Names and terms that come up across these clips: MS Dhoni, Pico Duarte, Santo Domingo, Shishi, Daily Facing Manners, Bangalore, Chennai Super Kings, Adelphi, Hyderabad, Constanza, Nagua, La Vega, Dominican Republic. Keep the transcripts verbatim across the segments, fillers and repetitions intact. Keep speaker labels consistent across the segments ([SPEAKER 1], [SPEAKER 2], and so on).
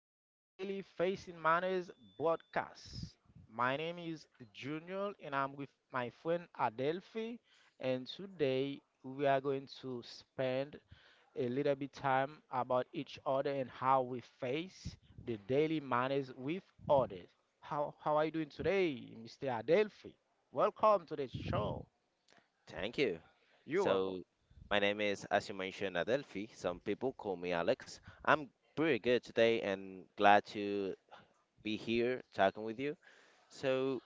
[SPEAKER 1] the Daily Facing Manners podcast. My name is Junior and I'm with my friend Adelphi and today we are going to spend a little bit time about each other and how we face the daily manners with others. How how are you doing today, mister Adelphi? Welcome to the show.
[SPEAKER 2] Thank you.
[SPEAKER 1] You're welcome.
[SPEAKER 2] So, my name is, as you mentioned, Adelphi. Some people call me Alex. I'm pretty good today and glad to be here talking with you. So,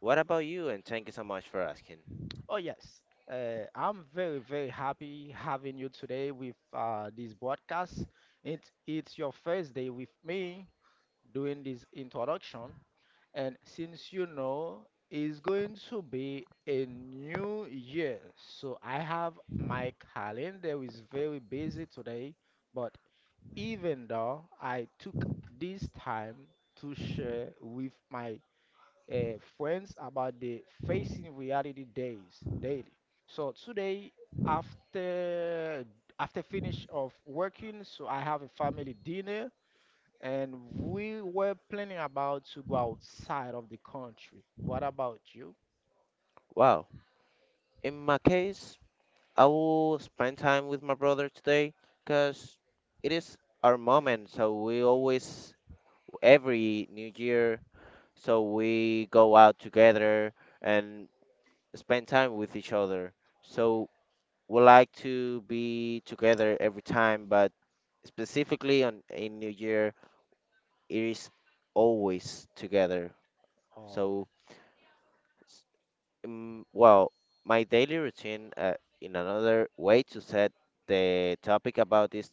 [SPEAKER 2] what about you? And thank you so much for asking.
[SPEAKER 1] Oh, yes. Uh, I'm very, very happy having you today with uh, this broadcast. It, it's your first day with me doing this introduction. And since you know, it's going to be a new year. So I have my calendar is very busy today. But even though I took this time to share with my uh, friends about the facing reality days daily. So today, after after finish of working, so I have a family dinner, and we were planning about to go outside of the country. What about you?
[SPEAKER 2] Wow. In my case, I will spend time with my brother today because it is our moment. So, we always, every new year, so we go out together and spend time with each other. So, would like to be together every time, but specifically on a New Year, it is always together.
[SPEAKER 1] Oh,
[SPEAKER 2] So, s- um, well, my daily routine, uh, in another way to set the topic about this,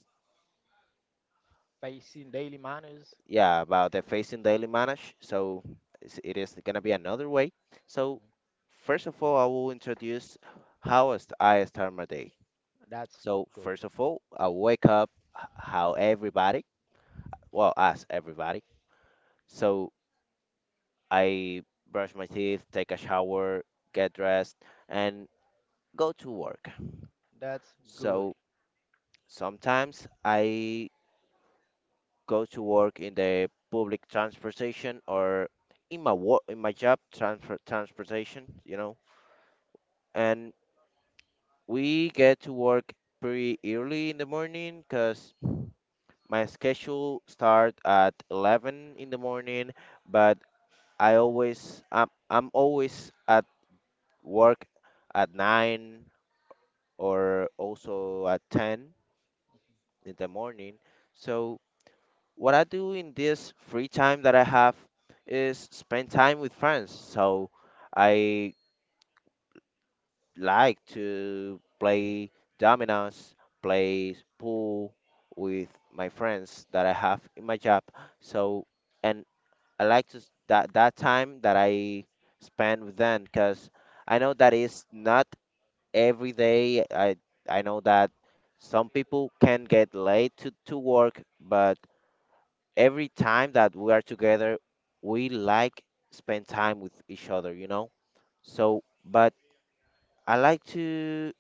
[SPEAKER 1] facing daily manners.
[SPEAKER 2] yeah, about the facing daily manage. So, it's- it is gonna be another way. So, first of all, I will introduce how I st- I start my day.
[SPEAKER 1] That's
[SPEAKER 2] So,
[SPEAKER 1] good.
[SPEAKER 2] first of all, I wake up h- how everybody, well, us everybody. So I brush my teeth, take a shower, get dressed, and go to work.
[SPEAKER 1] That's good.
[SPEAKER 2] So sometimes I go to work in the public transportation or in my work in my job transfer transportation, you know. And we get to work pretty early in the morning because my schedule start at eleven in the morning, but I always I'm, I'm, always at work at nine or also at ten in the morning. So what I do in this free time that I have is spend time with friends. So I like to play dominoes, play pool with my friends that I have in my job. So and I like to s- that that time that I spend with them because I know that is not every day. I I know that some people can get late to, to work, but every time that we are together, we like spend time with each other, you know? So, but I like to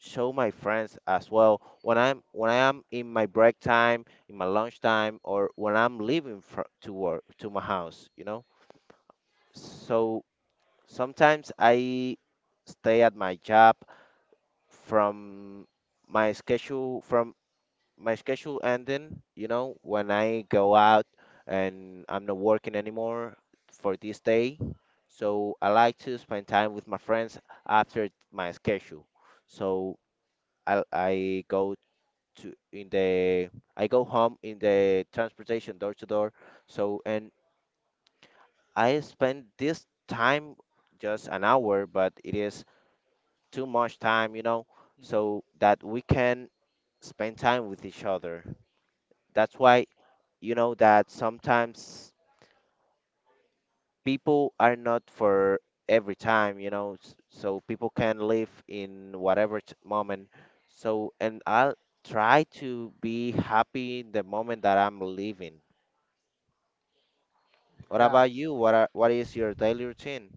[SPEAKER 2] show my friends as well when I'm when I am in my break time, in my lunch time, or when I'm leaving fro to work to my house, you know? So sometimes I stay at my job from my schedule from my schedule ending, you know, when I go out and I'm not working anymore for this day. So I like to spend time with my friends after my schedule. So I I go to in the I go home in the transportation door to door. So and I spend this time just an hour, but it is too much time, you know, so that we can spend time with each other. That's why you know that sometimes people are not for every time, you know, s- so people can live in whatever t- moment. So, and I'll try to be happy in the moment that I'm living. What
[SPEAKER 1] That
[SPEAKER 2] about you? What are, what is your daily routine?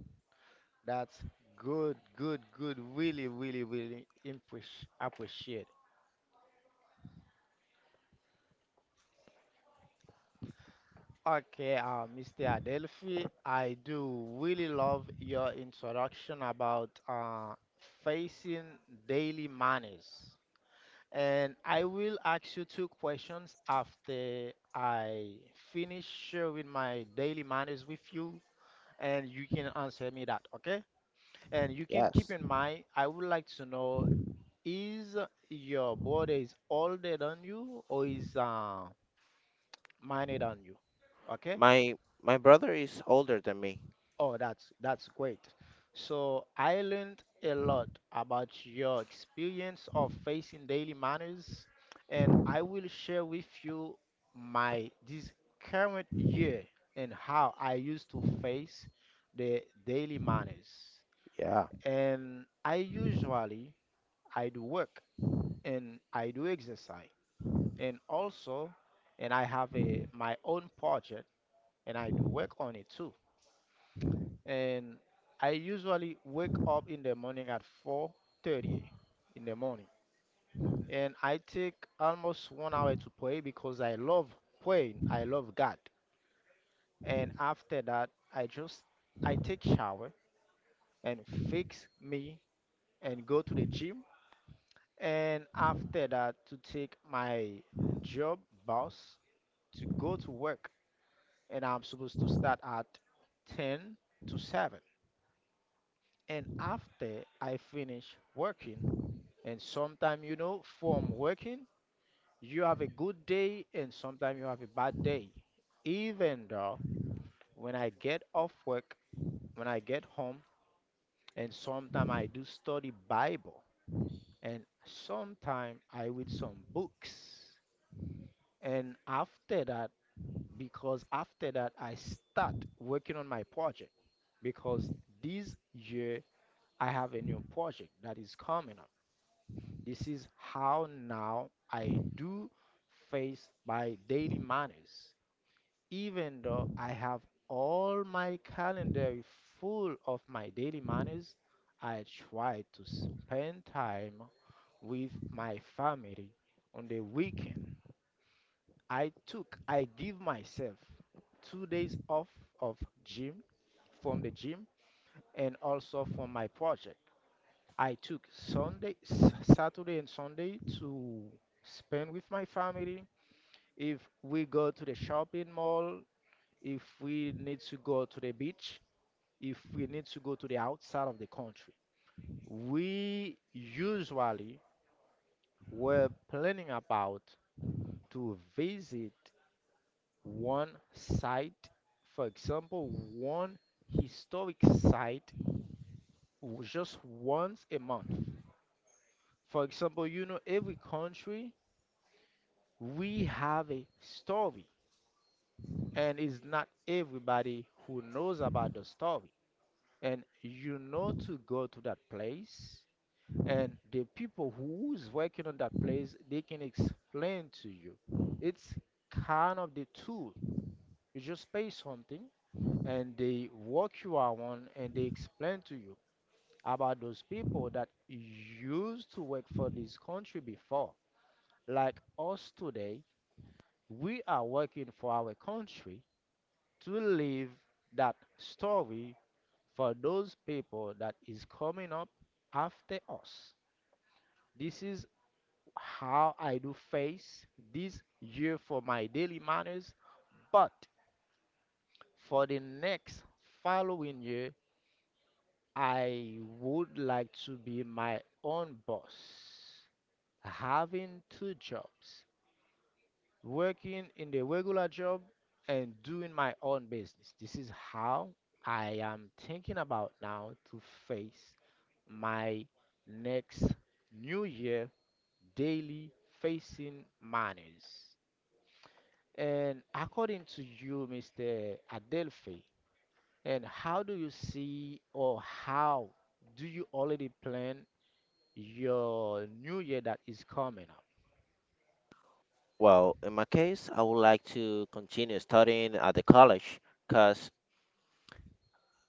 [SPEAKER 1] that's good, good, good. Really, really, really impress appreciate. Okay, uh, mister Adelphi, I do really love your introduction about uh, facing daily manners. And I will ask you two questions after I finish sharing my daily manners with you, and you can answer me that, okay? And you can keep
[SPEAKER 2] Yes.
[SPEAKER 1] in mind, I would like to know is your brother is older than you or is uh, minor than you? Okay?
[SPEAKER 2] My my brother is older than me.
[SPEAKER 1] Oh, that's that's great. So I learned a lot about your experience of facing daily matters, and I will share with you my this current year and how I used to face the daily matters.
[SPEAKER 2] Yeah.
[SPEAKER 1] And I usually I do work and I do exercise and also and I have a my own project and I do work on it too. And I usually wake up in the morning at four thirty in the morning, and I take almost one hour to pray because I love praying. I love God, and after that, I just I take shower and fix me and go to the gym, and after that to take my job bus to go to work, and I'm supposed to start at ten to seven. And after I finish working, and sometimes, you know, from working, you have a good day and sometimes you have a bad day. Even though when I get off work, when I get home, and sometimes I do study Bible and sometimes I read some books. And after that, because after that I start working on my project because this year I have a new project that is coming up. This is how now I do face my daily manners, even though I have all my calendar full of my daily manners. I try to spend time with my family on the weekend. I took, I give myself two days off of gym from the gym and also from my project. I took Sunday, S- Saturday, and Sunday to spend with my family. If we go to the shopping mall, if we need to go to the beach, if we need to go to the outside of the country, we usually were planning about to visit one site, for example, one historic site w- just once a month. For example, you know, every country we have a story and it's not everybody who knows about the story and you know to go to that place and the people who's working on that place they can explain to you it's kind of the tool you just pay something and they walk you around and they explain to you about those people that used to work for this country before like us today we are working for our country to leave that story for those people that is coming up after us. This is how I do face this year for my daily manners, but for the next following year, I would like to be my own boss, having two jobs working in the regular job and doing my own business. This is how I am thinking about now to face my next new year daily facing manners. And according to you, mister Adelphi, and how do you see or how do you already plan your new year that is coming up?
[SPEAKER 2] Well, in my case, I would like to continue studying at the college because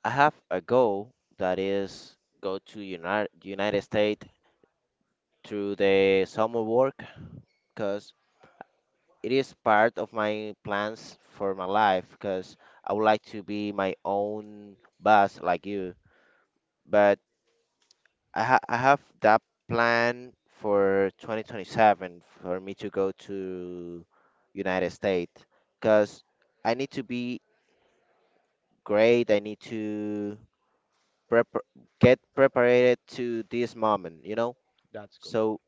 [SPEAKER 2] I have a goal that is go to United United States through the summer work because it is part of my plans for my life because I would like to be my own boss like you. But I ha I have that plan for twenty twenty-seven for me to go to United States because I need to be great. I need to prep get prepared to this moment, you know?
[SPEAKER 1] That's good.
[SPEAKER 2] So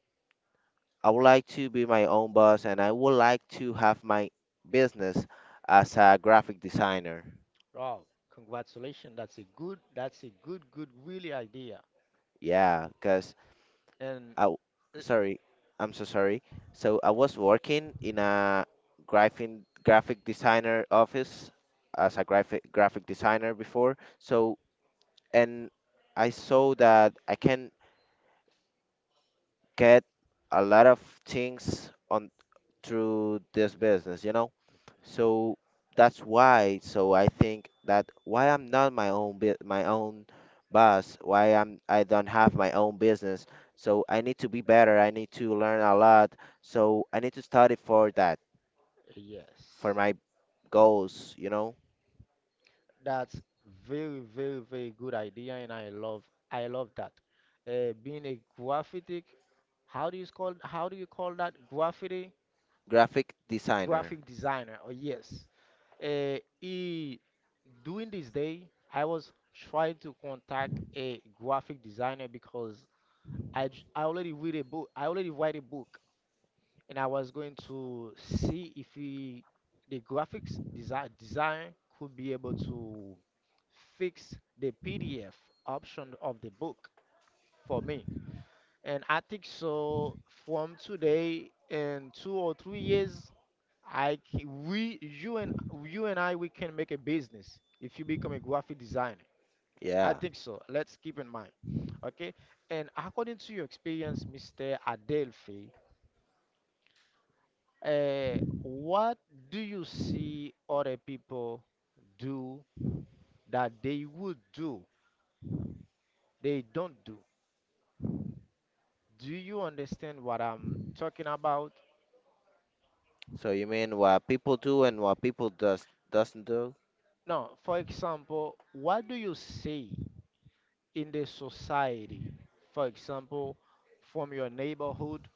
[SPEAKER 2] I would like to be my own boss and I would like to have my business as a graphic designer.
[SPEAKER 1] Wow, congratulations. That's a good, that's a good, good, really idea.
[SPEAKER 2] Yeah, because
[SPEAKER 1] And
[SPEAKER 2] I, w-
[SPEAKER 1] uh,
[SPEAKER 2] sorry, I'm so sorry. So I was working in a graphic graphic designer office as a graphic graphic designer before. So and I saw that I can get a lot of things on through this business, you know? So that's why. So I think that why I'm not my own bu- my own boss. Why I'm I don't have my own business. So I need to be better. I need to learn a lot. So I need to study for that
[SPEAKER 1] yes,
[SPEAKER 2] for my goals. You know,
[SPEAKER 1] that's very, very, very good idea. And I love, I love that. Uh, being a graphic, how do you call, how do you call that? Graffiti,
[SPEAKER 2] graphic designer.
[SPEAKER 1] graphic designer. Oh yes. Uh, he, during this day, I was trying to contact a graphic designer because I, j- I already read a book. I already write a book and I was going to see if we, the graphics design design could be able to fix the P D F option of the book for me. And I think so from today in two or three years, I c- we you and you and I we can make a business if you become a graphic designer. I
[SPEAKER 2] Yeah.
[SPEAKER 1] think so. Let's keep in mind. Okay. And according to your experience, mister Adelphi, Uh, what do you see other people do that they would do, they don't do? Do you understand what I'm talking about?
[SPEAKER 2] So you mean what people do and what people does doesn't do?
[SPEAKER 1] No, for example, what do you see in the society? For example, from your neighborhood,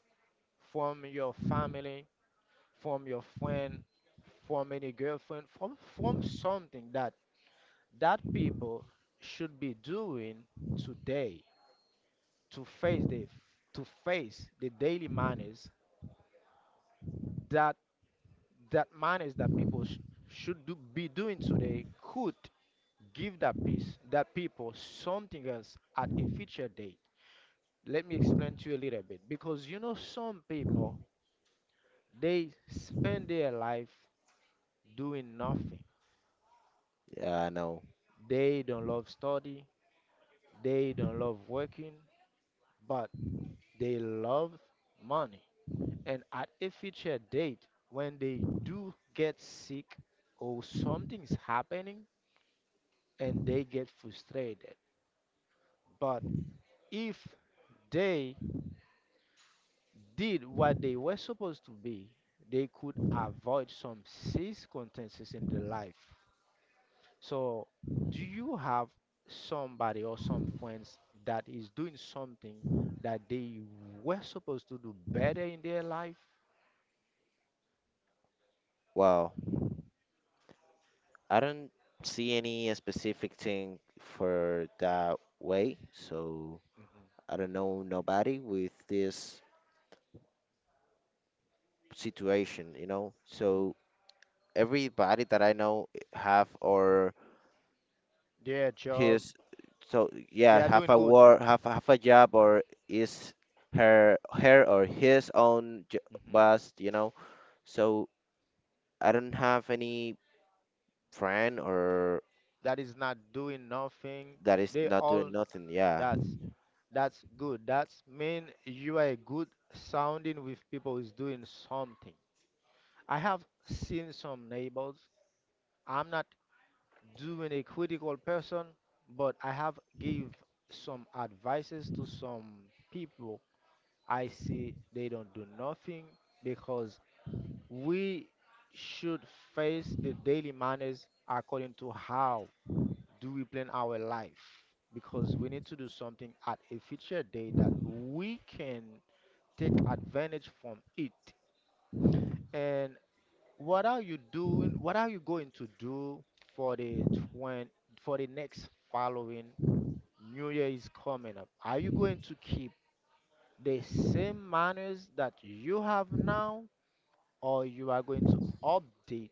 [SPEAKER 1] from your family, from your friend, from any girlfriend, from, from something that that people should be doing today to face the to face the daily manners that that manners that people sh- should do, be doing today could give that peace that people something else at a future date. Let me explain to you a little bit because you know some people they spend their life doing nothing,
[SPEAKER 2] Yeah, I know.
[SPEAKER 1] they don't love study, they don't love working, but they love money, and at a future date when they do get sick or something's happening and they get frustrated. But if they did what they were supposed to be, they could avoid some circumstances in their life. So, do you have somebody or some friends that is doing something that they were supposed to do better in their life?
[SPEAKER 2] Wow. I don't see any specific thing for that way. So.
[SPEAKER 1] Hmm.
[SPEAKER 2] I don't know nobody with this situation, you know.
[SPEAKER 1] Hmm.
[SPEAKER 2] So everybody that I know have or
[SPEAKER 1] Their job.
[SPEAKER 2] his so
[SPEAKER 1] They
[SPEAKER 2] yeah
[SPEAKER 1] are
[SPEAKER 2] have
[SPEAKER 1] doing
[SPEAKER 2] a
[SPEAKER 1] good.
[SPEAKER 2] work have have a job or is her her or his own j- boss, you know. So I don't have any friend or
[SPEAKER 1] That is not doing nothing.
[SPEAKER 2] that is
[SPEAKER 1] They
[SPEAKER 2] not
[SPEAKER 1] all
[SPEAKER 2] doing nothing. Yeah.
[SPEAKER 1] that's that's good. That's mean you are a good sounding with people who's doing something. I have seen some neighbors. I'm not doing a critical person, but I have give some advices to some people. I see they don't do nothing because we should face the daily manners according to how do we plan our life because we need to do something at a future day that we can take advantage from it. And what are you doing? What are you going to do for the twenty, for the next following New Year is coming up? Are you going to keep the same manners that you have now or you are going to update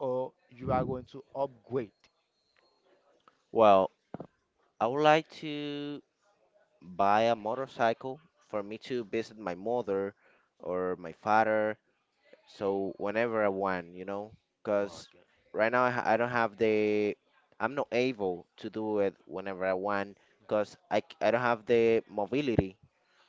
[SPEAKER 1] or you are going to upgrade.
[SPEAKER 2] Well, I would like to buy a motorcycle for me to visit my mother or my father so whenever I want, you know, because
[SPEAKER 1] Okay.
[SPEAKER 2] right now I, ha- I don't have the, I'm not able to do it whenever I want, because I, c- I don't have the mobility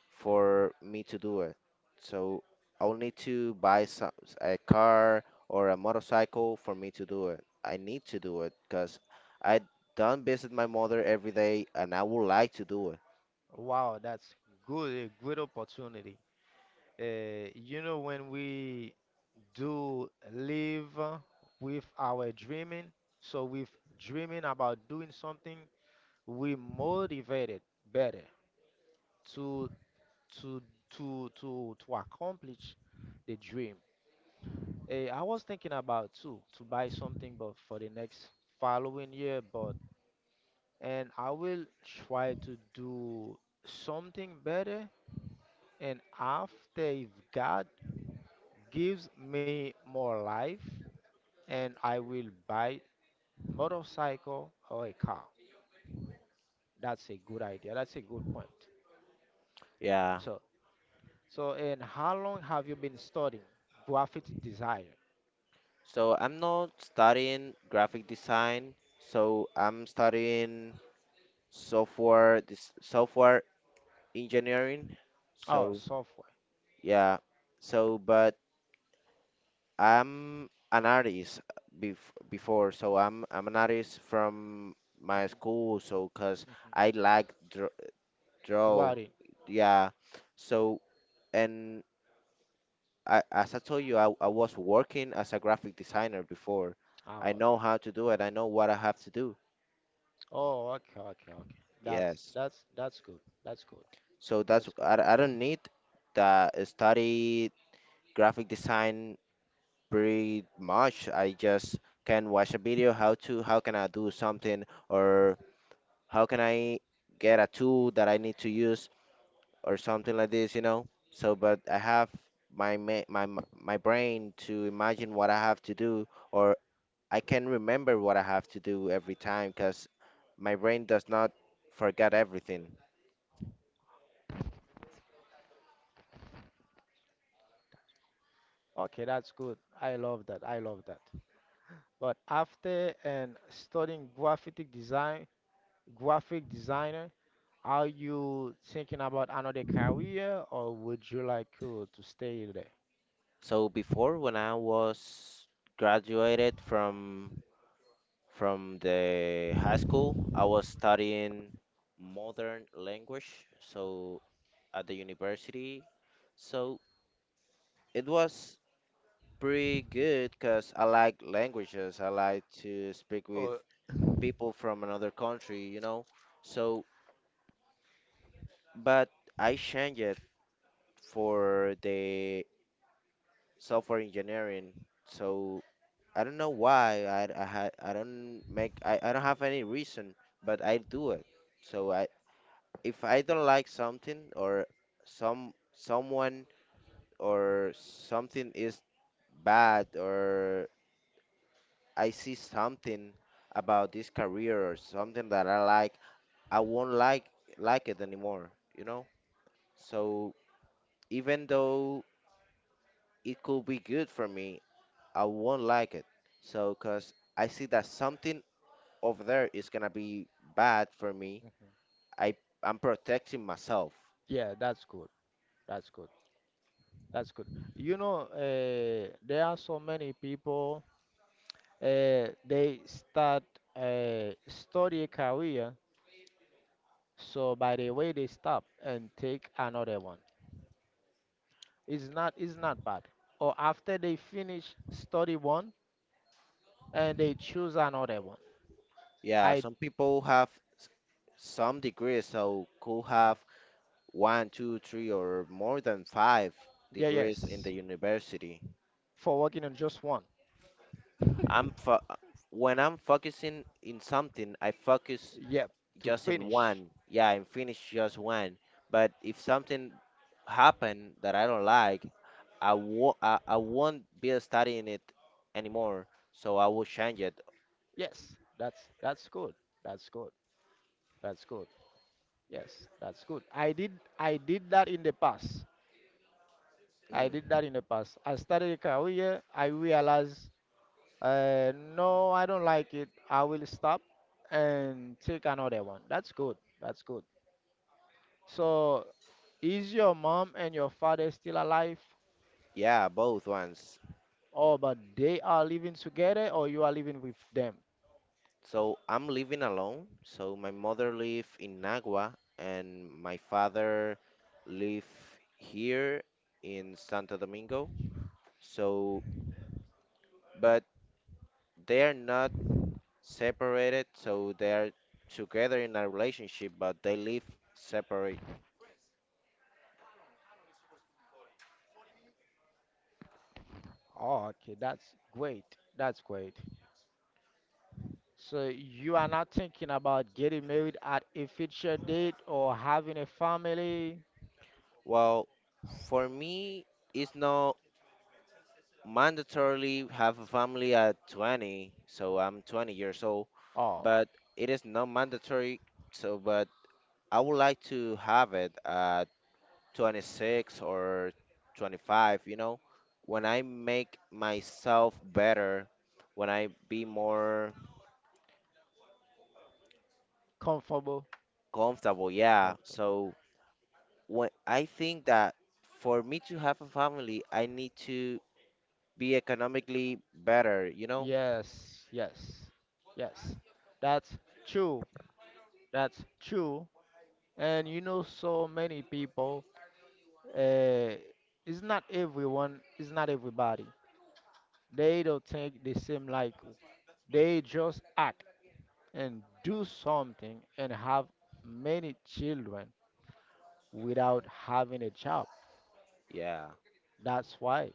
[SPEAKER 2] for me to do it. So I'll need to buy some, a car or a motorcycle for me to do it. I need to do it because I don't visit my mother every day and I would like to do it.
[SPEAKER 1] Wow, that's good, a great opportunity. Uh, you know, when we do live uh, with our dreaming, so with dreaming about doing something, we motivated better to to to to to accomplish the dream. Eh, I was thinking about too to buy something, but for the next following year, but and I will try to do something better. And after, if God gives me more life, and I will buy motorcycle or a car. That's a good idea. That's a good point.
[SPEAKER 2] Yeah.
[SPEAKER 1] So, so and how long have you been studying graphic design?
[SPEAKER 2] So I'm not studying graphic design. So I'm studying software this software engineering,
[SPEAKER 1] Oh,
[SPEAKER 2] so
[SPEAKER 1] software.
[SPEAKER 2] yeah, so but I'm an artist bef- before, so i'm i'm an artist from my school, so because
[SPEAKER 1] Mhm.
[SPEAKER 2] I like draw,
[SPEAKER 1] You
[SPEAKER 2] draw,
[SPEAKER 1] are.
[SPEAKER 2] yeah. So and I, as I told you I, I was working as a graphic designer before. I
[SPEAKER 1] Oh,
[SPEAKER 2] know
[SPEAKER 1] okay.
[SPEAKER 2] how to do it. I know what I have to do,
[SPEAKER 1] Oh, okay, okay, okay. That's
[SPEAKER 2] yes.
[SPEAKER 1] that's that's good. That's good.
[SPEAKER 2] So that's
[SPEAKER 1] That's good.
[SPEAKER 2] i, I don't need the study graphic design pretty much. I just can watch a video how to how can I do something or how can I get a tool that I need to use or something like this, you know. So, but I have my ma- my m- my brain to imagine what I have to do or I can remember what I have to do every time because my brain does not forget everything.
[SPEAKER 1] Okay, that's good. I love that. I love that. But after and studying graphic design, graphic designer, are you thinking about another career or would you like uh, to stay there?
[SPEAKER 2] So before, when I was graduated from from the high school. I was studying modern language, so at the university. So it was pretty good because I like languages. I like to speak with
[SPEAKER 1] Oh,
[SPEAKER 2] people from another country, you know. So, but I changed it for the software engineering. So I don't know why. I I, ha- I don't make I, I don't have any reason, but I do it. So I if I don't like something or some someone or something is bad or I see something about this career or something that I like, I won't like like it anymore, you know? So even though it could be good for me, I won't like it. So cuz I see that something over there is going to be bad for me, I I'm protecting myself.
[SPEAKER 1] yeah, that's good. That's good. That's good. You know, uh, there are so many people, uh, they start uh, study a career, so by the way they stop and take another one. It's not, it's not bad. Or after they finish study one and they choose another one.
[SPEAKER 2] Yeah,
[SPEAKER 1] I
[SPEAKER 2] some people have s- some degrees, so could have one, two, three, or more than five
[SPEAKER 1] yeah
[SPEAKER 2] degrees in the
[SPEAKER 1] yes
[SPEAKER 2] university.
[SPEAKER 1] for working on just one.
[SPEAKER 2] I'm fo- when I'm focusing in something, I focus
[SPEAKER 1] Yep, to
[SPEAKER 2] just in
[SPEAKER 1] finish.
[SPEAKER 2] one. Yeah, and finish just one. But if something happen that I don't like, I won't I, I won't be studying it anymore. So I will change it.
[SPEAKER 1] Yes, that's that's good. That's good. That's good. Yes, that's good. I did I did that in the past. I did
[SPEAKER 2] Mm,
[SPEAKER 1] that in the past. I started a career. I realized uh, no, I don't like it. I will stop and take another one. That's good. That's good. So, is your mom and your father still alive,
[SPEAKER 2] yeah, both ones.
[SPEAKER 1] or but they are living together, or you are living with them?
[SPEAKER 2] So I'm living alone. So my mother live in Nagua and my father live here in Santo Domingo. So, but they are not separated. So they are together in a relationship, but they live separate.
[SPEAKER 1] Oh, okay, that's great. That's great. So you are not thinking about getting married at a future date or having a family?
[SPEAKER 2] Well, for me, it's not mandatorily have a family at twenty. So I'm twenty years old,
[SPEAKER 1] Oh,
[SPEAKER 2] but it is not mandatory. So, but I would like to have it at twenty-six or twenty-five, you know, when I make myself better, when I be more
[SPEAKER 1] comfortable.
[SPEAKER 2] comfortable, yeah.
[SPEAKER 1] Comfortable.
[SPEAKER 2] So when I think that for me to have a family, I need to be economically better, you know?
[SPEAKER 1] Yes, yes, yes. That's true. That's true. And you know, so many people, uh, it's not everyone, it's not everybody. They don't think the same like you. They just act and do something and have many children without having a job.
[SPEAKER 2] Yeah.
[SPEAKER 1] That's why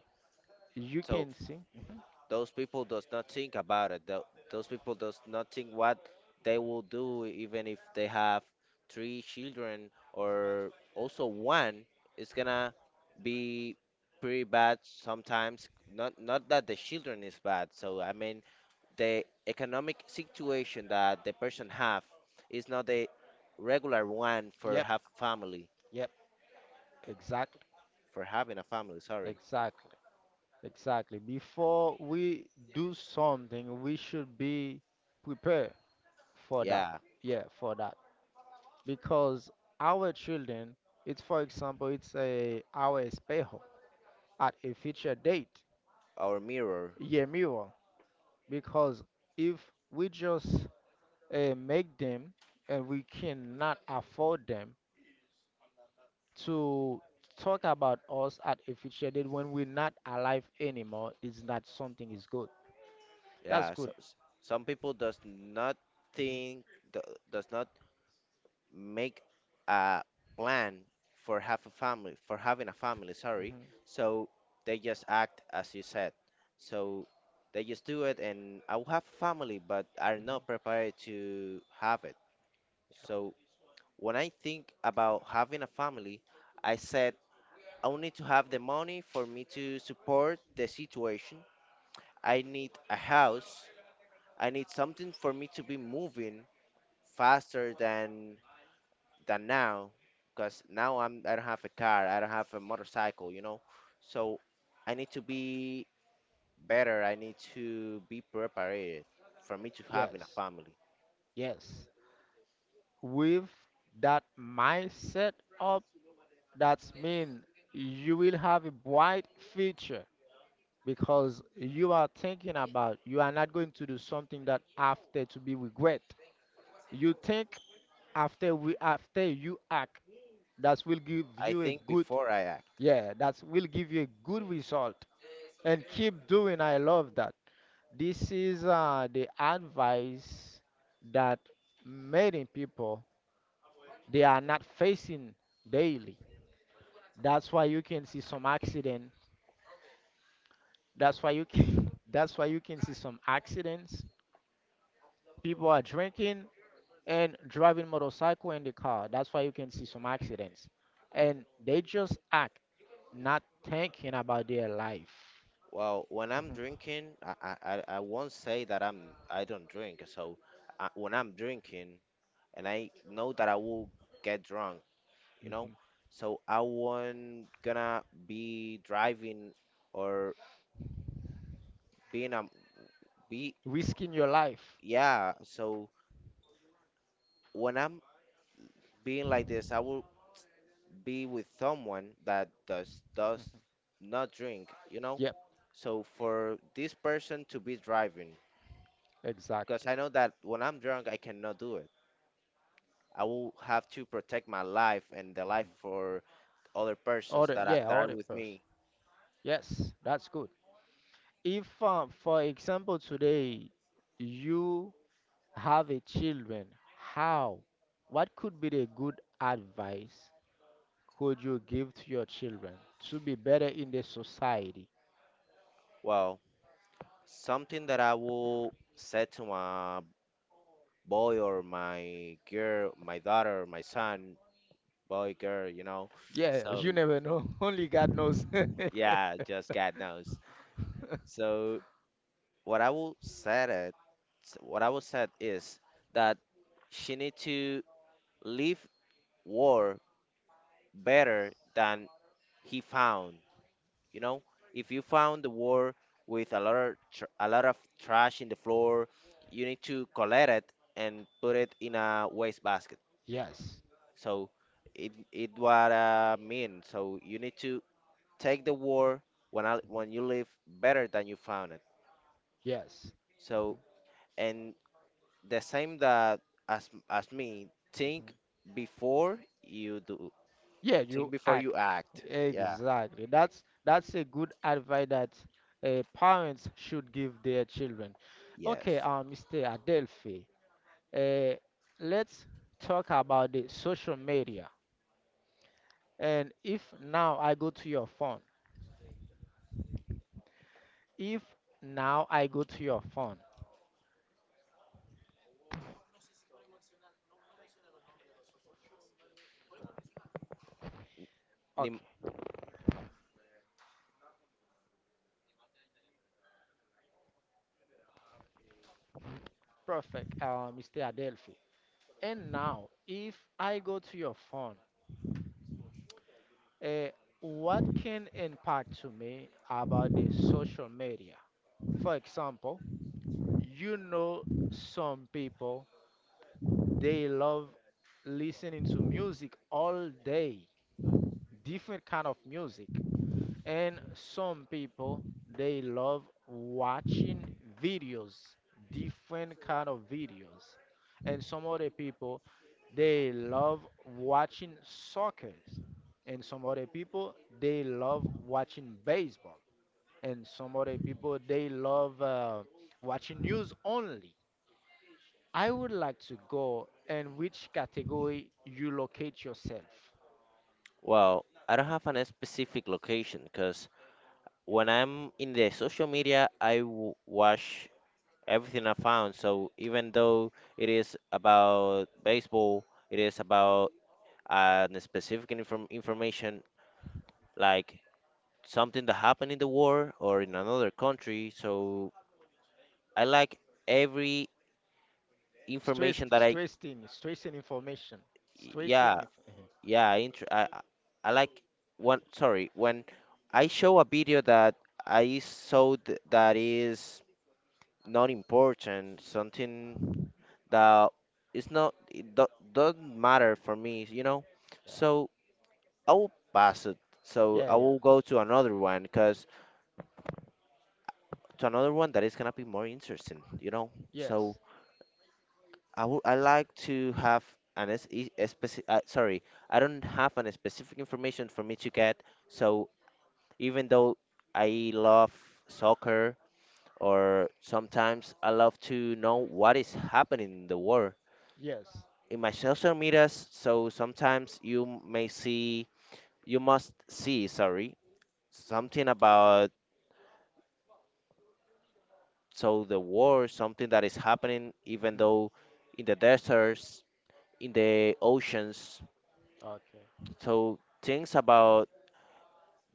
[SPEAKER 1] you
[SPEAKER 2] So
[SPEAKER 1] can see. Mhm.
[SPEAKER 2] those people does not think about it. Tho- Those people does not think what they will do even if they have three children or also one. It's gonna be pretty bad sometimes. Not not that the children is bad. So I mean the economic situation that the person have is not the regular one for
[SPEAKER 1] Yep,
[SPEAKER 2] have family
[SPEAKER 1] yep, exactly,
[SPEAKER 2] for having a family. Sorry.
[SPEAKER 1] exactly, exactly. Before we do something, we should be prepared for that.
[SPEAKER 2] Yeah,
[SPEAKER 1] Yeah, for that. Because our children, it's for example, it's a our espejo at a future date,
[SPEAKER 2] our mirror.
[SPEAKER 1] yeah, mirror. Because if we just uh, make them and we cannot afford them, to talk about us at a future date when we're not alive anymore is not something is good. That's
[SPEAKER 2] Yeah, so,
[SPEAKER 1] good.
[SPEAKER 2] s- some people does not
[SPEAKER 1] hmm
[SPEAKER 2] think do- does not make a plan for have a family for having a family,
[SPEAKER 1] hmm
[SPEAKER 2] sorry.
[SPEAKER 1] hmm
[SPEAKER 2] So they just act as you said. So they just do it and I will have a family but are not prepared to have it. So when I think about having a family, I said I will need to have the money for me to support the situation. I need a house, I need something for me to be moving faster than than now, because now I'm I don't have a car, I don't have a motorcycle, you know. So I need to be better. I need to be prepared for me to have in a
[SPEAKER 1] Yes,
[SPEAKER 2] family.
[SPEAKER 1] yes. With that mindset up, that's mean you will have a bright future because you are thinking about you are not going to do something that after to be regret. You think after we after you act, that will give
[SPEAKER 2] I
[SPEAKER 1] you a
[SPEAKER 2] think
[SPEAKER 1] good.
[SPEAKER 2] before I act.
[SPEAKER 1] Yeah, that will give you a good result and keep doing. I love that. This is uh, the advice that many people they are not facing daily. That's why you can see some accident. That's why you can, that's why you can see some accidents. People are drinking and driving motorcycle in the car. That's why you can see some accidents. And they just act not thinking about their life.
[SPEAKER 2] Well, when I'm drinking, I I, I I won't say that I'm I don't drink. So uh, when I'm drinking and I know that I will get drunk, you know.
[SPEAKER 1] Mhm.
[SPEAKER 2] So I won't gonna be driving or being a be
[SPEAKER 1] Risking your life.
[SPEAKER 2] yeah. So when I'm being like this, I will be with someone that does does not drink, you know.
[SPEAKER 1] Yep,
[SPEAKER 2] So for this person to be driving, because
[SPEAKER 1] exactly.
[SPEAKER 2] I know that when I'm drunk, I cannot do it. I will have to protect my life and the life for other persons
[SPEAKER 1] Other,
[SPEAKER 2] that are,
[SPEAKER 1] yeah,
[SPEAKER 2] that are
[SPEAKER 1] other
[SPEAKER 2] with
[SPEAKER 1] person.
[SPEAKER 2] me.
[SPEAKER 1] Yes, that's good. If, uh, for example, today you have a children, how? What could be the good advice could you give to your children to be better in the society?
[SPEAKER 2] Well, something that I will say to my boy or my girl, my daughter, my son, boy, girl, you know.
[SPEAKER 1] Yeah, you
[SPEAKER 2] So
[SPEAKER 1] never know. Only God knows.
[SPEAKER 2] yeah, just God knows. So what I will said it, what I will said is that she need to leave war better than he found. You know, if you found the war with a lot of tr- a lot of trash in the floor, you need to collect it and put it in a wastebasket.
[SPEAKER 1] Yes.
[SPEAKER 2] So it it what I mean. So you need to take the war when I,
[SPEAKER 1] Mhm.
[SPEAKER 2] when you leave better than you found it. So and the same that as as me,
[SPEAKER 1] Yes.
[SPEAKER 2] think before you do.
[SPEAKER 1] Yeah,
[SPEAKER 2] Think
[SPEAKER 1] you
[SPEAKER 2] before
[SPEAKER 1] act.
[SPEAKER 2] you act. Yeah.
[SPEAKER 1] Exactly. That's that's a good advice that uh, parents should give their children. Okay,
[SPEAKER 2] Yes.
[SPEAKER 1] uh, mister Adelphi, uh, let's talk about the social media. And if now I go to your phone, if now I go to your phone,
[SPEAKER 2] Nim-
[SPEAKER 1] okay, perfect, uh, mister Adelphi. And now, if I go to your phone, uh, what can impact to me about the social media? For example, you know, some people they love listening to music all day, different kind of music, and some people they love watching videos, different kind of videos, and some other people they love watching soccer, and some other people they love watching baseball, and some other people they love uh, watching news only. I would like to go and which category you locate yourself.
[SPEAKER 2] Wow, I don't have a specific location because when I'm in the social media, I w watch everything I found. So even though it is about baseball, it is about and specific inform- information like something that happened in the war or in another country. So I like every information
[SPEAKER 1] Stressed,
[SPEAKER 2] that I,
[SPEAKER 1] stressing, stressing information. Stressing.
[SPEAKER 2] yeah,
[SPEAKER 1] Inf- mhm.
[SPEAKER 2] yeah, I, inter- I, I I like one, sorry, when I show a video that I saw th- that is not important, something that is not, it do- doesn't matter for me, you know? So I will pass it. So
[SPEAKER 1] yeah,
[SPEAKER 2] I
[SPEAKER 1] yeah, yeah.
[SPEAKER 2] will go to another one because to another one that is gonna be more interesting, you know. So
[SPEAKER 1] Yes,
[SPEAKER 2] I would I like to have an es- e- a speci- uh, sorry, I don't have an specific information for me to get. So even though I love soccer or sometimes I love to know what is happening in the world
[SPEAKER 1] yes.
[SPEAKER 2] in my social medias, so sometimes you m- may see you must see, sorry, something about so the war, something that is happening even
[SPEAKER 1] hmm
[SPEAKER 2] though in the desert in the oceans.
[SPEAKER 1] Okay.
[SPEAKER 2] So things about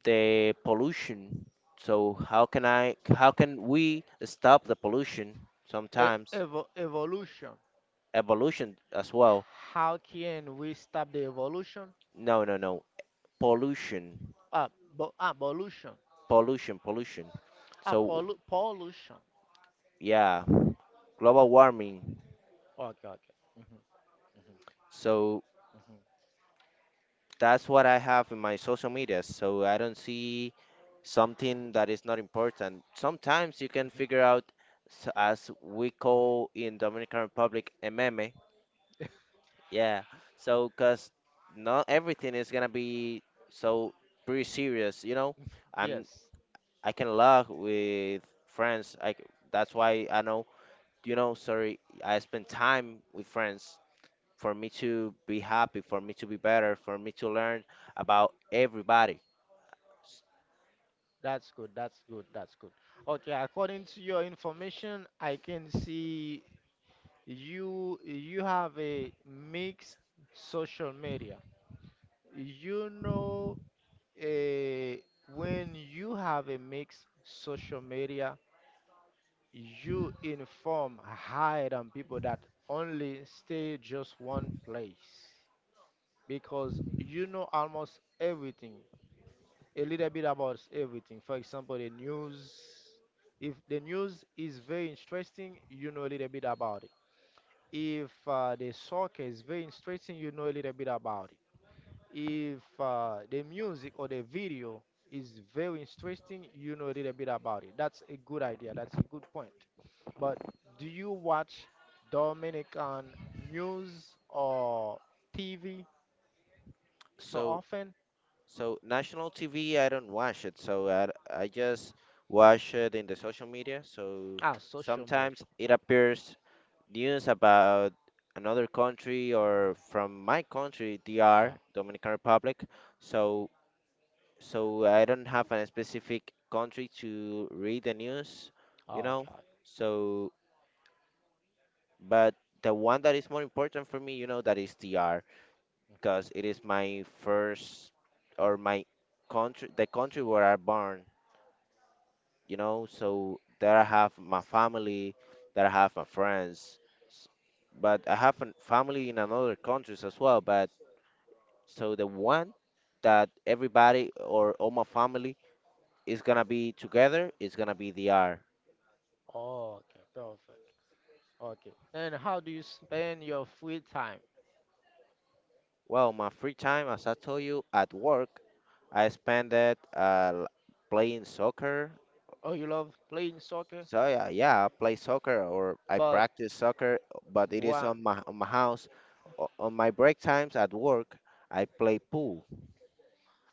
[SPEAKER 2] the pollution. So how can I how can we stop the pollution
[SPEAKER 1] E-
[SPEAKER 2] sometimes?
[SPEAKER 1] evo- evolution.
[SPEAKER 2] Evolution as well.
[SPEAKER 1] How can we stop the evolution?
[SPEAKER 2] No, no, no. Pollution.
[SPEAKER 1] Ah, bo- ah, pollution.
[SPEAKER 2] Pollution, pollution.
[SPEAKER 1] Ah,
[SPEAKER 2] So
[SPEAKER 1] pollu- pollution.
[SPEAKER 2] yeah, global warming.
[SPEAKER 1] Okay, okay. Mhm,
[SPEAKER 2] So
[SPEAKER 1] mhm,
[SPEAKER 2] that's what I have in my social media. So I don't see something that is not important. Sometimes you can
[SPEAKER 1] mhm.
[SPEAKER 2] figure out s- as we call in Dominican Republic, a meme. Yeah. So, cause not everything is gonna be so pretty serious, you know. I'm
[SPEAKER 1] Yes,
[SPEAKER 2] I can laugh with friends. I c- that's why I know, you know, sorry, I spend time with friends for me to be happy, for me to be better, for me to learn about everybody. S-
[SPEAKER 1] that's good. That's good. That's good. Okay, according to your information, I can see You you have a mixed social media. You know, uh, when you have a mixed social media, you inform higher than people that only stay just one place because you know almost everything, a little bit about everything. For example, the news. If the news is very interesting, you know a little bit about it. If uh, the soccer is very interesting, you know a little bit about it. If uh, the music or the video is very interesting, you know a little bit about it. That's a good idea. That's a good point. But do you watch Dominican news or T V so
[SPEAKER 2] So,
[SPEAKER 1] often?
[SPEAKER 2] so national T V, I don't watch it. So I, I just watch it in the social media. So
[SPEAKER 1] Ah, social media.
[SPEAKER 2] sometimes it appears news about another country or from my country, D R,
[SPEAKER 1] Ah,
[SPEAKER 2] Dominican Republic. So so I don't have a specific country to read the news, you
[SPEAKER 1] oh,
[SPEAKER 2] know.
[SPEAKER 1] God.
[SPEAKER 2] So but the one that is more important for me, you know, that is D R because
[SPEAKER 1] Mhm.
[SPEAKER 2] it is my first or my country, the country where I born. You know. So there I have my family, there I have my friends, s- but I have a family in another countries as well. But so the one that everybody or all my family is gonna be together is gonna be the R.
[SPEAKER 1] Oh, okay, perfect. Okay. And how do you spend your free time?
[SPEAKER 2] Well, my free time, as I told you, at work, I spend it uh, l- playing soccer.
[SPEAKER 1] Oh, you love playing soccer,
[SPEAKER 2] So yeah, yeah, I play soccer or I practice soccer, but it is
[SPEAKER 1] but.
[SPEAKER 2] on my on my house. O- On my break times at work, I play pool.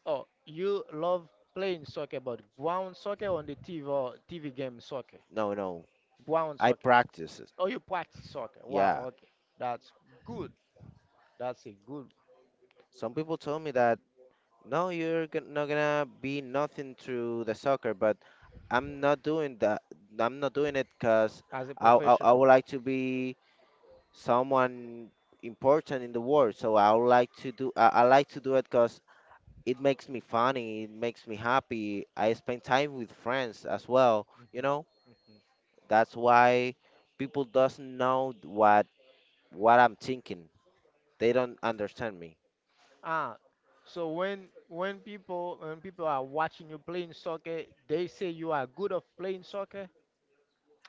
[SPEAKER 1] Oh, you love playing soccer, but ground soccer on the T V or T V game soccer?
[SPEAKER 2] No, no.
[SPEAKER 1] Ground
[SPEAKER 2] I
[SPEAKER 1] soccer.
[SPEAKER 2] practice it.
[SPEAKER 1] Oh, you practice soccer. Wow,
[SPEAKER 2] Yeah.
[SPEAKER 1] okay. That's good. That's a good
[SPEAKER 2] Some people told me that no, you're gon- not gonna be nothing through the soccer, but I'm not doing that. I'm not doing it because
[SPEAKER 1] as a
[SPEAKER 2] I, I I
[SPEAKER 1] professional.
[SPEAKER 2] would like to be someone important in the world. So I would like to do I, I like to do it because it makes me funny. It makes me happy. I spend time with friends as well.
[SPEAKER 1] Mhm,
[SPEAKER 2] You know,
[SPEAKER 1] mhm.
[SPEAKER 2] that's why people doesn't know what what I'm thinking. They don't understand me.
[SPEAKER 1] Ah, so when when people when people are watching you playing soccer, they say you are good of playing soccer.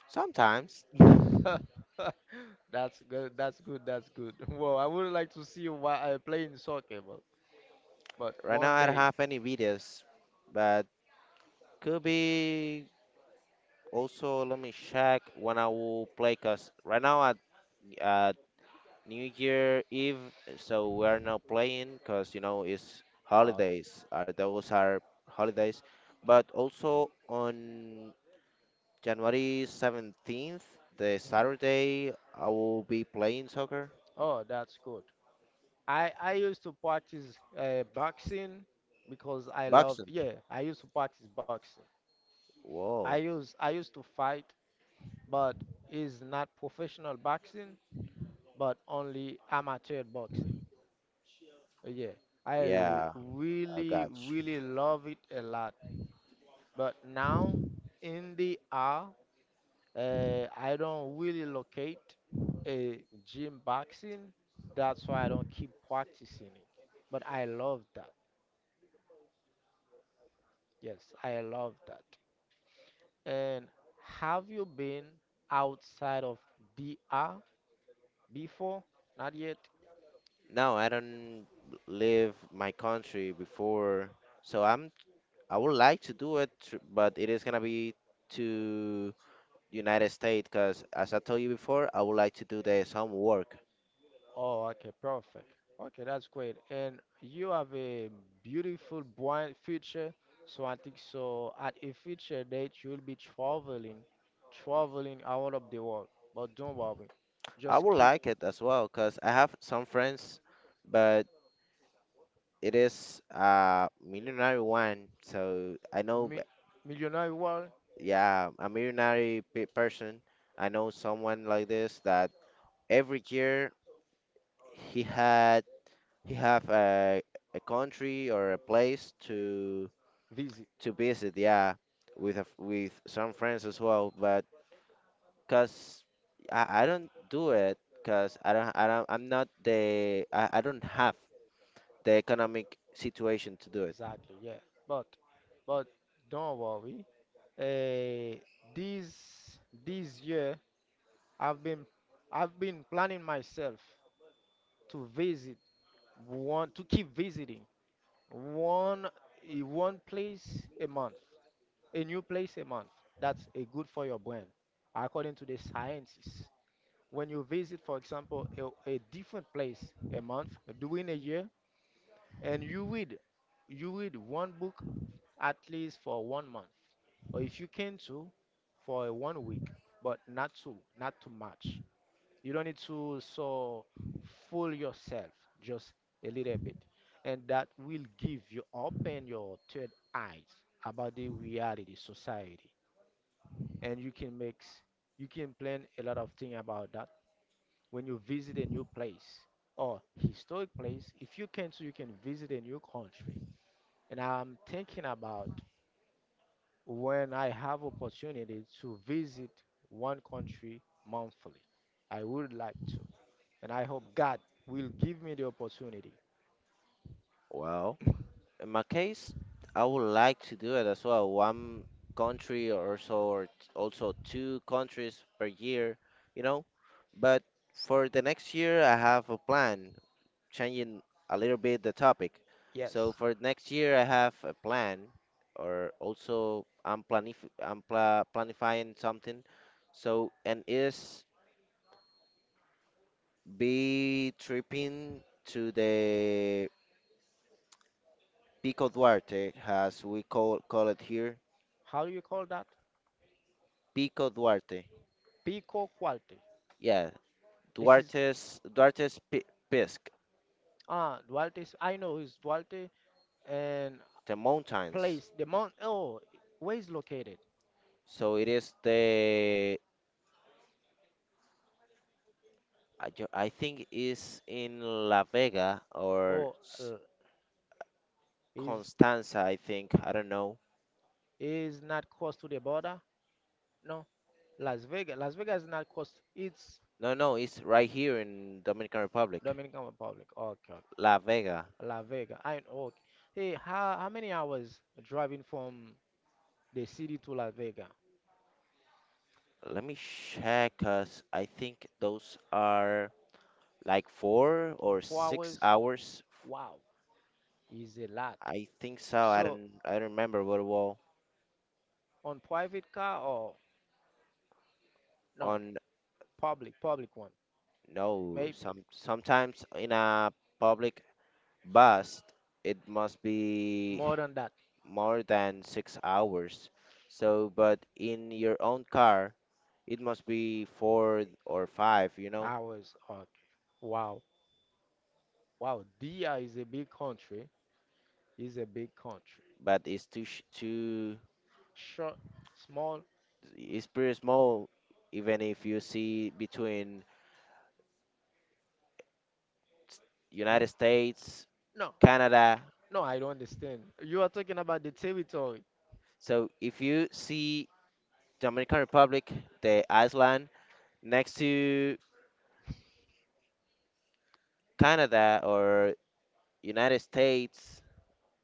[SPEAKER 2] Sometimes.
[SPEAKER 1] That's good. That's good. That's good. Well, I would like to see you wa- uh, playing soccer, but but
[SPEAKER 2] Right now,
[SPEAKER 1] one
[SPEAKER 2] I don't
[SPEAKER 1] day.
[SPEAKER 2] have any videos, but could be also. Let me check when I will play. Cause right now at at New Year Eve, so we're not playing. Cause you know it's
[SPEAKER 1] Okay.
[SPEAKER 2] holidays. Are those are holidays, but also on January seventeenth, the Saturday, I will be playing soccer.
[SPEAKER 1] Oh, that's good. I I used to practice uh, boxing because I loved
[SPEAKER 2] Boxing.
[SPEAKER 1] yeah I used to practice boxing. I
[SPEAKER 2] Whoa.
[SPEAKER 1] used I used to fight, but it's not professional boxing, but only amateur boxing. Uh, Yeah, I l-
[SPEAKER 2] Yeah, I
[SPEAKER 1] really
[SPEAKER 2] got
[SPEAKER 1] really love it a lot. But now in the hour, uh, I don't really locate a gym boxing. That's why I don't keep practicing it. But I love that. Yes, I love that. And have you been outside of D R before? Not yet?
[SPEAKER 2] No, I don't leave my country before, so I'm I would like to do it, tr- but it is gonna be to United States, cause as I told you before, I would like to do the some work.
[SPEAKER 1] Oh, okay, perfect. Okay, that's great. And you have a beautiful, bright future. So I think so at a future date you'll be traveling, traveling out of the world. But don't worry,
[SPEAKER 2] I
[SPEAKER 1] just
[SPEAKER 2] would
[SPEAKER 1] keep
[SPEAKER 2] like it as well, cause I have some friends, but it is a millionaire one, so I know,
[SPEAKER 1] mi
[SPEAKER 2] b-
[SPEAKER 1] millionaire world
[SPEAKER 2] yeah, a millionaire pe person. I know someone like this that every year he had He have a a country or a place to
[SPEAKER 1] visit.
[SPEAKER 2] to visit, yeah, with a f with some friends as well. But cause I, I don't do it, cause I don't I don't I'm not the I, I don't have the economic situation to do it.
[SPEAKER 1] Exactly, yeah. But but don't worry. Uh, this this year I've been I've been planning myself to visit one to keep visiting one eh, one place a month, a new place a month. That's a good for your brain, according to the scientists. When you visit, for example, a, a different place a month during a year, and you read you read one book at least for one month, or if you can two, for a one week, but not two, not too much. You don't need to so fool yourself just a little bit, and that will give you open your third eyes about the reality society, and you can make s- you can plan a lot of things about that when you visit a new place or historic place. If you can, so you can visit a new country. And I'm thinking about when I have opportunity to visit one country monthly. I would like to. And I hope God will give me the opportunity.
[SPEAKER 2] Well, in my case, I would like to do it as well. One country or so, or t- also two countries per year, you know. But for the next year, I have a plan changing
[SPEAKER 1] Mhm.
[SPEAKER 2] a little bit the topic. So
[SPEAKER 1] Yes.
[SPEAKER 2] for next year, I have a plan, or also I'm planif I'm pla planifying something. So and is be tripping to the Pico Duarte, as we call call it here.
[SPEAKER 1] How do you call that?
[SPEAKER 2] Pico Duarte.
[SPEAKER 1] Pico Qualte.
[SPEAKER 2] Yeah,
[SPEAKER 1] This is
[SPEAKER 2] Duarte's Duarte's Pi- Pisk,
[SPEAKER 1] ah Duarte. Is- I know it's Duarte and
[SPEAKER 2] the mountains.
[SPEAKER 1] place the mount. Oh, where is located?
[SPEAKER 2] So it is the I, ju- I think is in La Vega or
[SPEAKER 1] Oh, uh, is
[SPEAKER 2] Constanza, I think. I don't know.
[SPEAKER 1] is not close to the border? No, Las Vegas. Las Vegas is not close. It's
[SPEAKER 2] No, no, it's right here in Dominican Republic,
[SPEAKER 1] Dominican Republic. Okay, okay.
[SPEAKER 2] La Vega.
[SPEAKER 1] La Vega. I know. Okay. Hey, how how many hours driving from the city to Las Vegas?
[SPEAKER 2] Let me check, cause I think those are like four or
[SPEAKER 1] Four
[SPEAKER 2] six
[SPEAKER 1] hours.
[SPEAKER 2] hours.
[SPEAKER 1] Wow. Is a lot.
[SPEAKER 2] I think so. I
[SPEAKER 1] So
[SPEAKER 2] don't, I don't remember what it
[SPEAKER 1] on private car or no
[SPEAKER 2] on.
[SPEAKER 1] public public one,
[SPEAKER 2] No,
[SPEAKER 1] maybe
[SPEAKER 2] some sometimes in a public bus, it must be
[SPEAKER 1] more than that
[SPEAKER 2] more than six hours. So, but in your own car, it must be four or five, you know?
[SPEAKER 1] hours or wow wow. Dia is a big country. Is a big country.
[SPEAKER 2] But it's too sh- too
[SPEAKER 1] Short, small.
[SPEAKER 2] it's pretty small even if you see between United
[SPEAKER 1] Hmm?
[SPEAKER 2] States,
[SPEAKER 1] No,
[SPEAKER 2] Canada.
[SPEAKER 1] no, I don't understand. You are talking about the territory,
[SPEAKER 2] So if you see Dominican Republic, the island next to Canada or United States,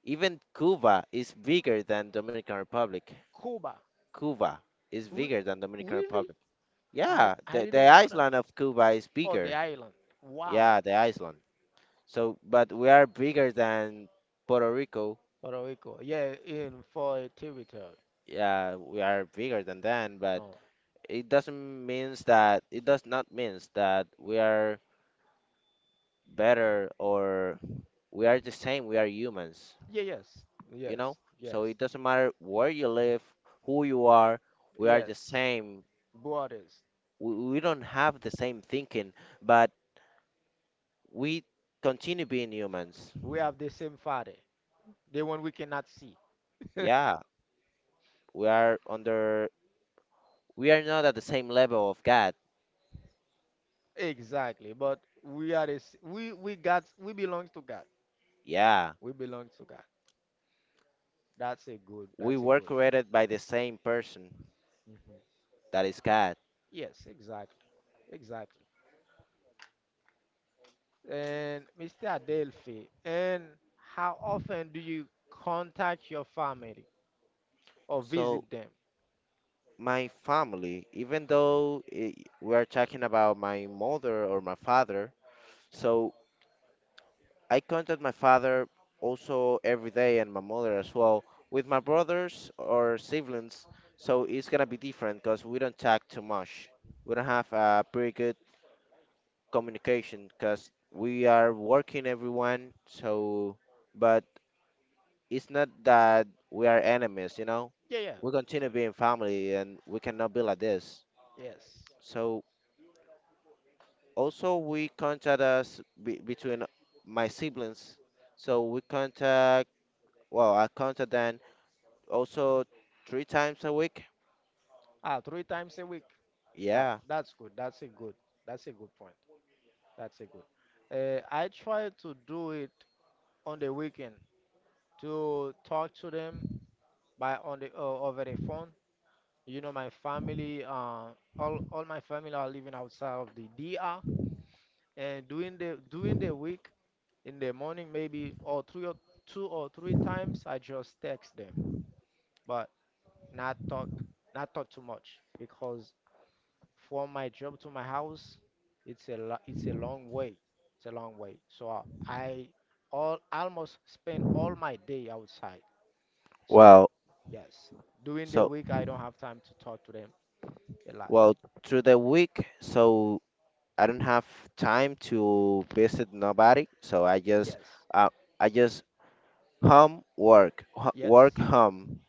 [SPEAKER 2] even Cuba is bigger than Dominican Republic.
[SPEAKER 1] Cuba.
[SPEAKER 2] Cuba is
[SPEAKER 1] Re-
[SPEAKER 2] bigger than Dominican
[SPEAKER 1] really?
[SPEAKER 2] Republic.
[SPEAKER 1] I
[SPEAKER 2] Yeah,
[SPEAKER 1] I
[SPEAKER 2] the the
[SPEAKER 1] didn't know that.
[SPEAKER 2] island of Cuba is
[SPEAKER 1] Oh, the
[SPEAKER 2] bigger.
[SPEAKER 1] island. Wow.
[SPEAKER 2] Yeah, the island. So, but we are bigger than Puerto Rico.
[SPEAKER 1] Puerto Rico. Yeah, in for a territory.
[SPEAKER 2] Yeah, we are bigger than them, but
[SPEAKER 1] No.
[SPEAKER 2] it doesn't means that it does not means that we are better or we are
[SPEAKER 1] Mhm.
[SPEAKER 2] the same. We are humans,
[SPEAKER 1] Yeah. Yes.
[SPEAKER 2] you
[SPEAKER 1] Yes.
[SPEAKER 2] know.
[SPEAKER 1] Yes.
[SPEAKER 2] So it doesn't matter where you live, who you are. We are the
[SPEAKER 1] Yes,
[SPEAKER 2] same.
[SPEAKER 1] borders.
[SPEAKER 2] We, we don't have the same thinking, but we continue being humans.
[SPEAKER 1] We have the same father, the one we cannot see.
[SPEAKER 2] Yeah, we are under. We are not at the same level of God.
[SPEAKER 1] Exactly, but we are the, s- we we got we belong to God.
[SPEAKER 2] Yeah,
[SPEAKER 1] We belong to God. That's a good.
[SPEAKER 2] we
[SPEAKER 1] That's a
[SPEAKER 2] were
[SPEAKER 1] good.
[SPEAKER 2] created by the same person
[SPEAKER 1] Mhm.
[SPEAKER 2] that is God.
[SPEAKER 1] Yes, exactly, exactly. And mister Adelphi, and how often do you contact your family or
[SPEAKER 2] So
[SPEAKER 1] visit them?
[SPEAKER 2] my family, even though I we are talking about my mother or my father, so I contact my father also every day and my mother as well. With my brothers or siblings, so it's gonna be different because we don't talk too much. We don't have a pretty good communication because we are working everyone. So, but it's not that we are enemies, you know.
[SPEAKER 1] Yeah, yeah,
[SPEAKER 2] We continue
[SPEAKER 1] exactly.
[SPEAKER 2] being family and we cannot be like this.
[SPEAKER 1] Yes.
[SPEAKER 2] So also we contact us be, between my siblings so we contact well I contact them also three times a week.
[SPEAKER 1] Ah, three times a week. That
[SPEAKER 2] Yeah.
[SPEAKER 1] that's good. That's a good. That's a good point. That's a good. Uh, I try to do it on the weekend to talk to them by on the uh, over the phone. You know, my family, uh, all all my family are living outside of the D R, and during the during the week in the morning maybe or three or two or three times I just text them, but not talk not talk too much because from my job to my house, it's a lo- it's a long way. It's a long way. So I I all almost spend all my day outside. So
[SPEAKER 2] Well
[SPEAKER 1] yes, during the
[SPEAKER 2] so
[SPEAKER 1] week I don't have time to talk to them a lot.
[SPEAKER 2] well through the week so I don't have time to visit nobody so i just
[SPEAKER 1] Yes,
[SPEAKER 2] uh, I just home work ho- work
[SPEAKER 1] yes,
[SPEAKER 2] home.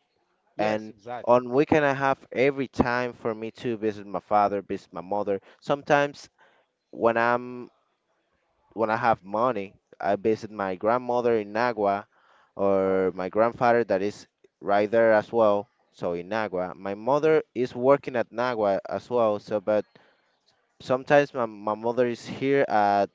[SPEAKER 1] yes,
[SPEAKER 2] And
[SPEAKER 1] exactly.
[SPEAKER 2] on weekend I have every time for me to visit my father visit my mother sometimes when i'm when I have money, I visit my grandmother in Nagua or
[SPEAKER 1] Oh,
[SPEAKER 2] my grandfather that is right there as well. So in Nagua, my mother is working at Nagua as well. So, but sometimes my, my mother is here at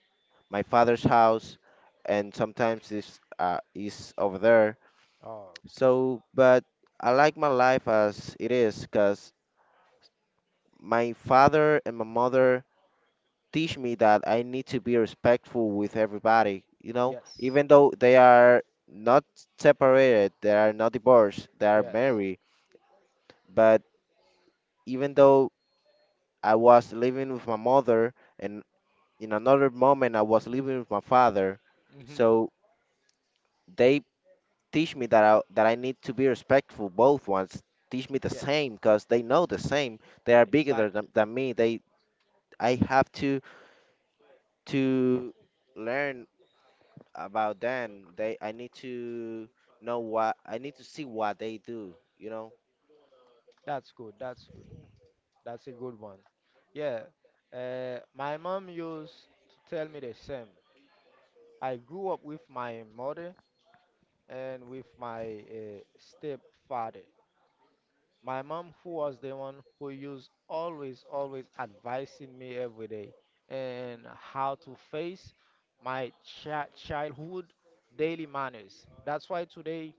[SPEAKER 2] my father's house, and sometimes is uh, is over there.
[SPEAKER 1] oh,
[SPEAKER 2] So, but I like my life as it is, cause my father and my mother teach me that I need to be respectful with everybody, you know,
[SPEAKER 1] yes,
[SPEAKER 2] even though they are not separated, they are not divorced, they are
[SPEAKER 1] yes,
[SPEAKER 2] married, but even though I was living with my mother and in another moment I was living with my father,
[SPEAKER 1] hmm
[SPEAKER 2] so they teach me that I, that I need to be respectful. Both ones teach me the
[SPEAKER 1] yes,
[SPEAKER 2] same because they know the same. They are bigger
[SPEAKER 1] exactly.
[SPEAKER 2] than, than me. They I have to to learn about them. They I need to know what I need to see what they do, you know.
[SPEAKER 1] That's good. That's good. That's a good one. Yeah. Uh, my mom used to tell me the same. I grew up with my mother and with my uh, stepfather. My mom, who was the one who used always, always advising me every day and how to face my chi- childhood daily manners. That's why today,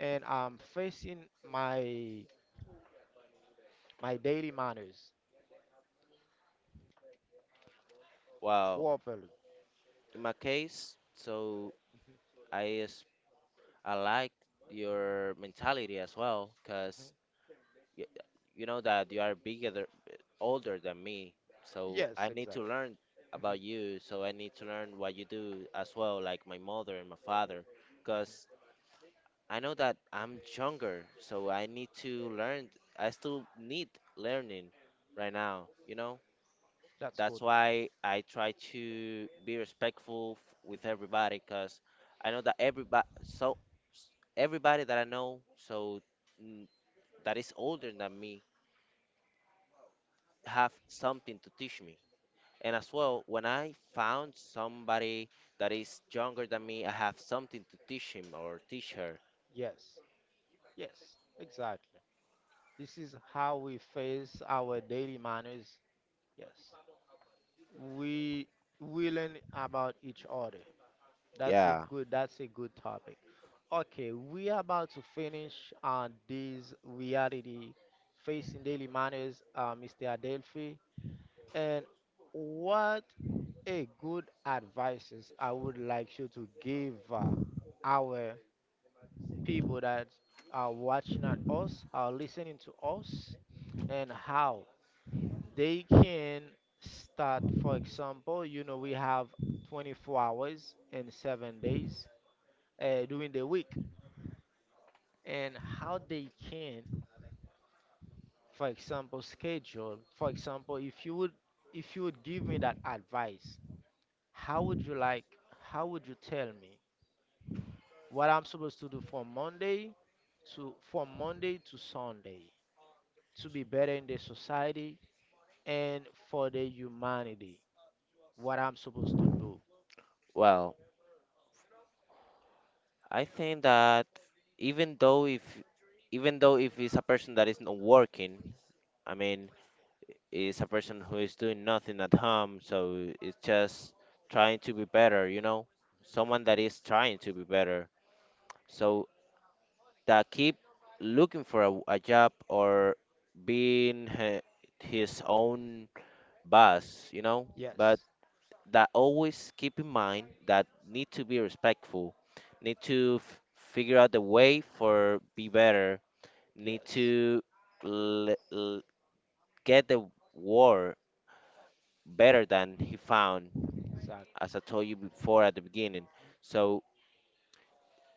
[SPEAKER 1] and I'm facing my my daily manners
[SPEAKER 2] Well,
[SPEAKER 1] properly.
[SPEAKER 2] in my case, so
[SPEAKER 1] Mhm.
[SPEAKER 2] I is I like your mentality as well,
[SPEAKER 1] Mhm.
[SPEAKER 2] cause you, you know that you are bigger, th- older than me. So I
[SPEAKER 1] Yes,
[SPEAKER 2] need to
[SPEAKER 1] exactly.
[SPEAKER 2] learn
[SPEAKER 1] Mhm.
[SPEAKER 2] about you. So I need to learn what you do as well, like my mother and my father, cause I know that I'm younger, so I need to learn. I still need learning right now, you know?
[SPEAKER 1] That's
[SPEAKER 2] That's
[SPEAKER 1] good.
[SPEAKER 2] why I try to be respectful f- with
[SPEAKER 1] Mhm.
[SPEAKER 2] cause I know that everybody, so everybody that I know, so mm, that is older than me, have something to teach me. And as well, when I found somebody that is younger than me, I have something to teach him or teach her.
[SPEAKER 1] Yes, yes, exactly. This is how we face our daily manners. Yes. we we learn about each other. That's a
[SPEAKER 2] Yeah,
[SPEAKER 1] good that's a good topic. Okay we are about to finish on this reality facing daily manners uh, Mr. Adelphi, and what a good advices I would like you to give uh, our people that are watching at us are listening to us, and how they can start, for example, you know we have twenty-four hours and seven days uh, during the week, and how they can, for example, schedule, for example, if you would if you would give me that advice, how would you like, how would you tell me what I'm supposed to do from monday to from Monday to Sunday to be better in the society and for the humanity, what I'm supposed to do.
[SPEAKER 2] well. I think that even though if even though if it's a person that is not working, I mean, it's a person who is doing nothing at home, so it's just trying to be better, you know, someone that is trying to be better. So that keep looking for a, a job or being he- his own boss, you know. But
[SPEAKER 1] Yes,
[SPEAKER 2] that always keep in mind that need to be respectful, need to f- figure out the way for be better, need
[SPEAKER 1] yes,
[SPEAKER 2] to l- l- get the war better than he found,
[SPEAKER 1] exactly.
[SPEAKER 2] as I told you before at the beginning. So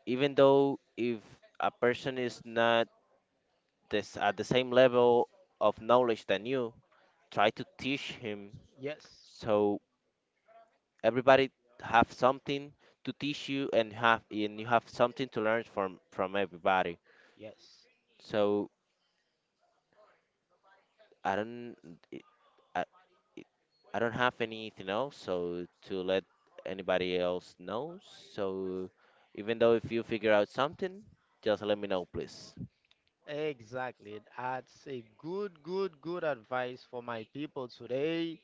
[SPEAKER 2] even though if a person is not this at the same level of knowledge than you, try to teach him
[SPEAKER 1] Yes,
[SPEAKER 2] so everybody have something to teach you and have and you have something to learn from from everybody.
[SPEAKER 1] yes,
[SPEAKER 2] So I don't it- I, I don't have anything else so to let anybody else know. So even though if you figure out something, just let me know please.
[SPEAKER 1] exactly. That's a good, good, good advice for my people today.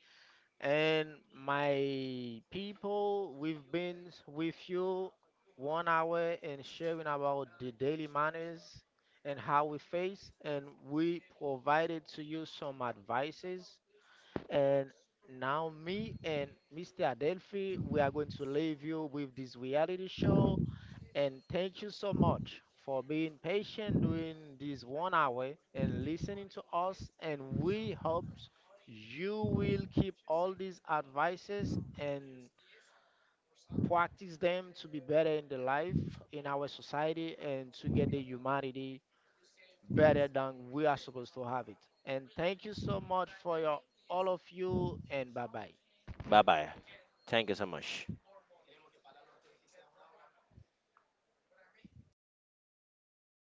[SPEAKER 1] And my people, we've been with you one hour and sharing about the daily manners and how we face, and we provided to you some advices. And now me and mister Adelphi, we are going to leave you with this reality show. And thank you so much for being patient during this one hour and listening to us. And we hope you will keep all these advices and practice them to be better in the life, in our society, and to get the humanity better than we are supposed to have it. And thank you so much for your all of you and bye bye.
[SPEAKER 2] Bye bye. Thank you so much.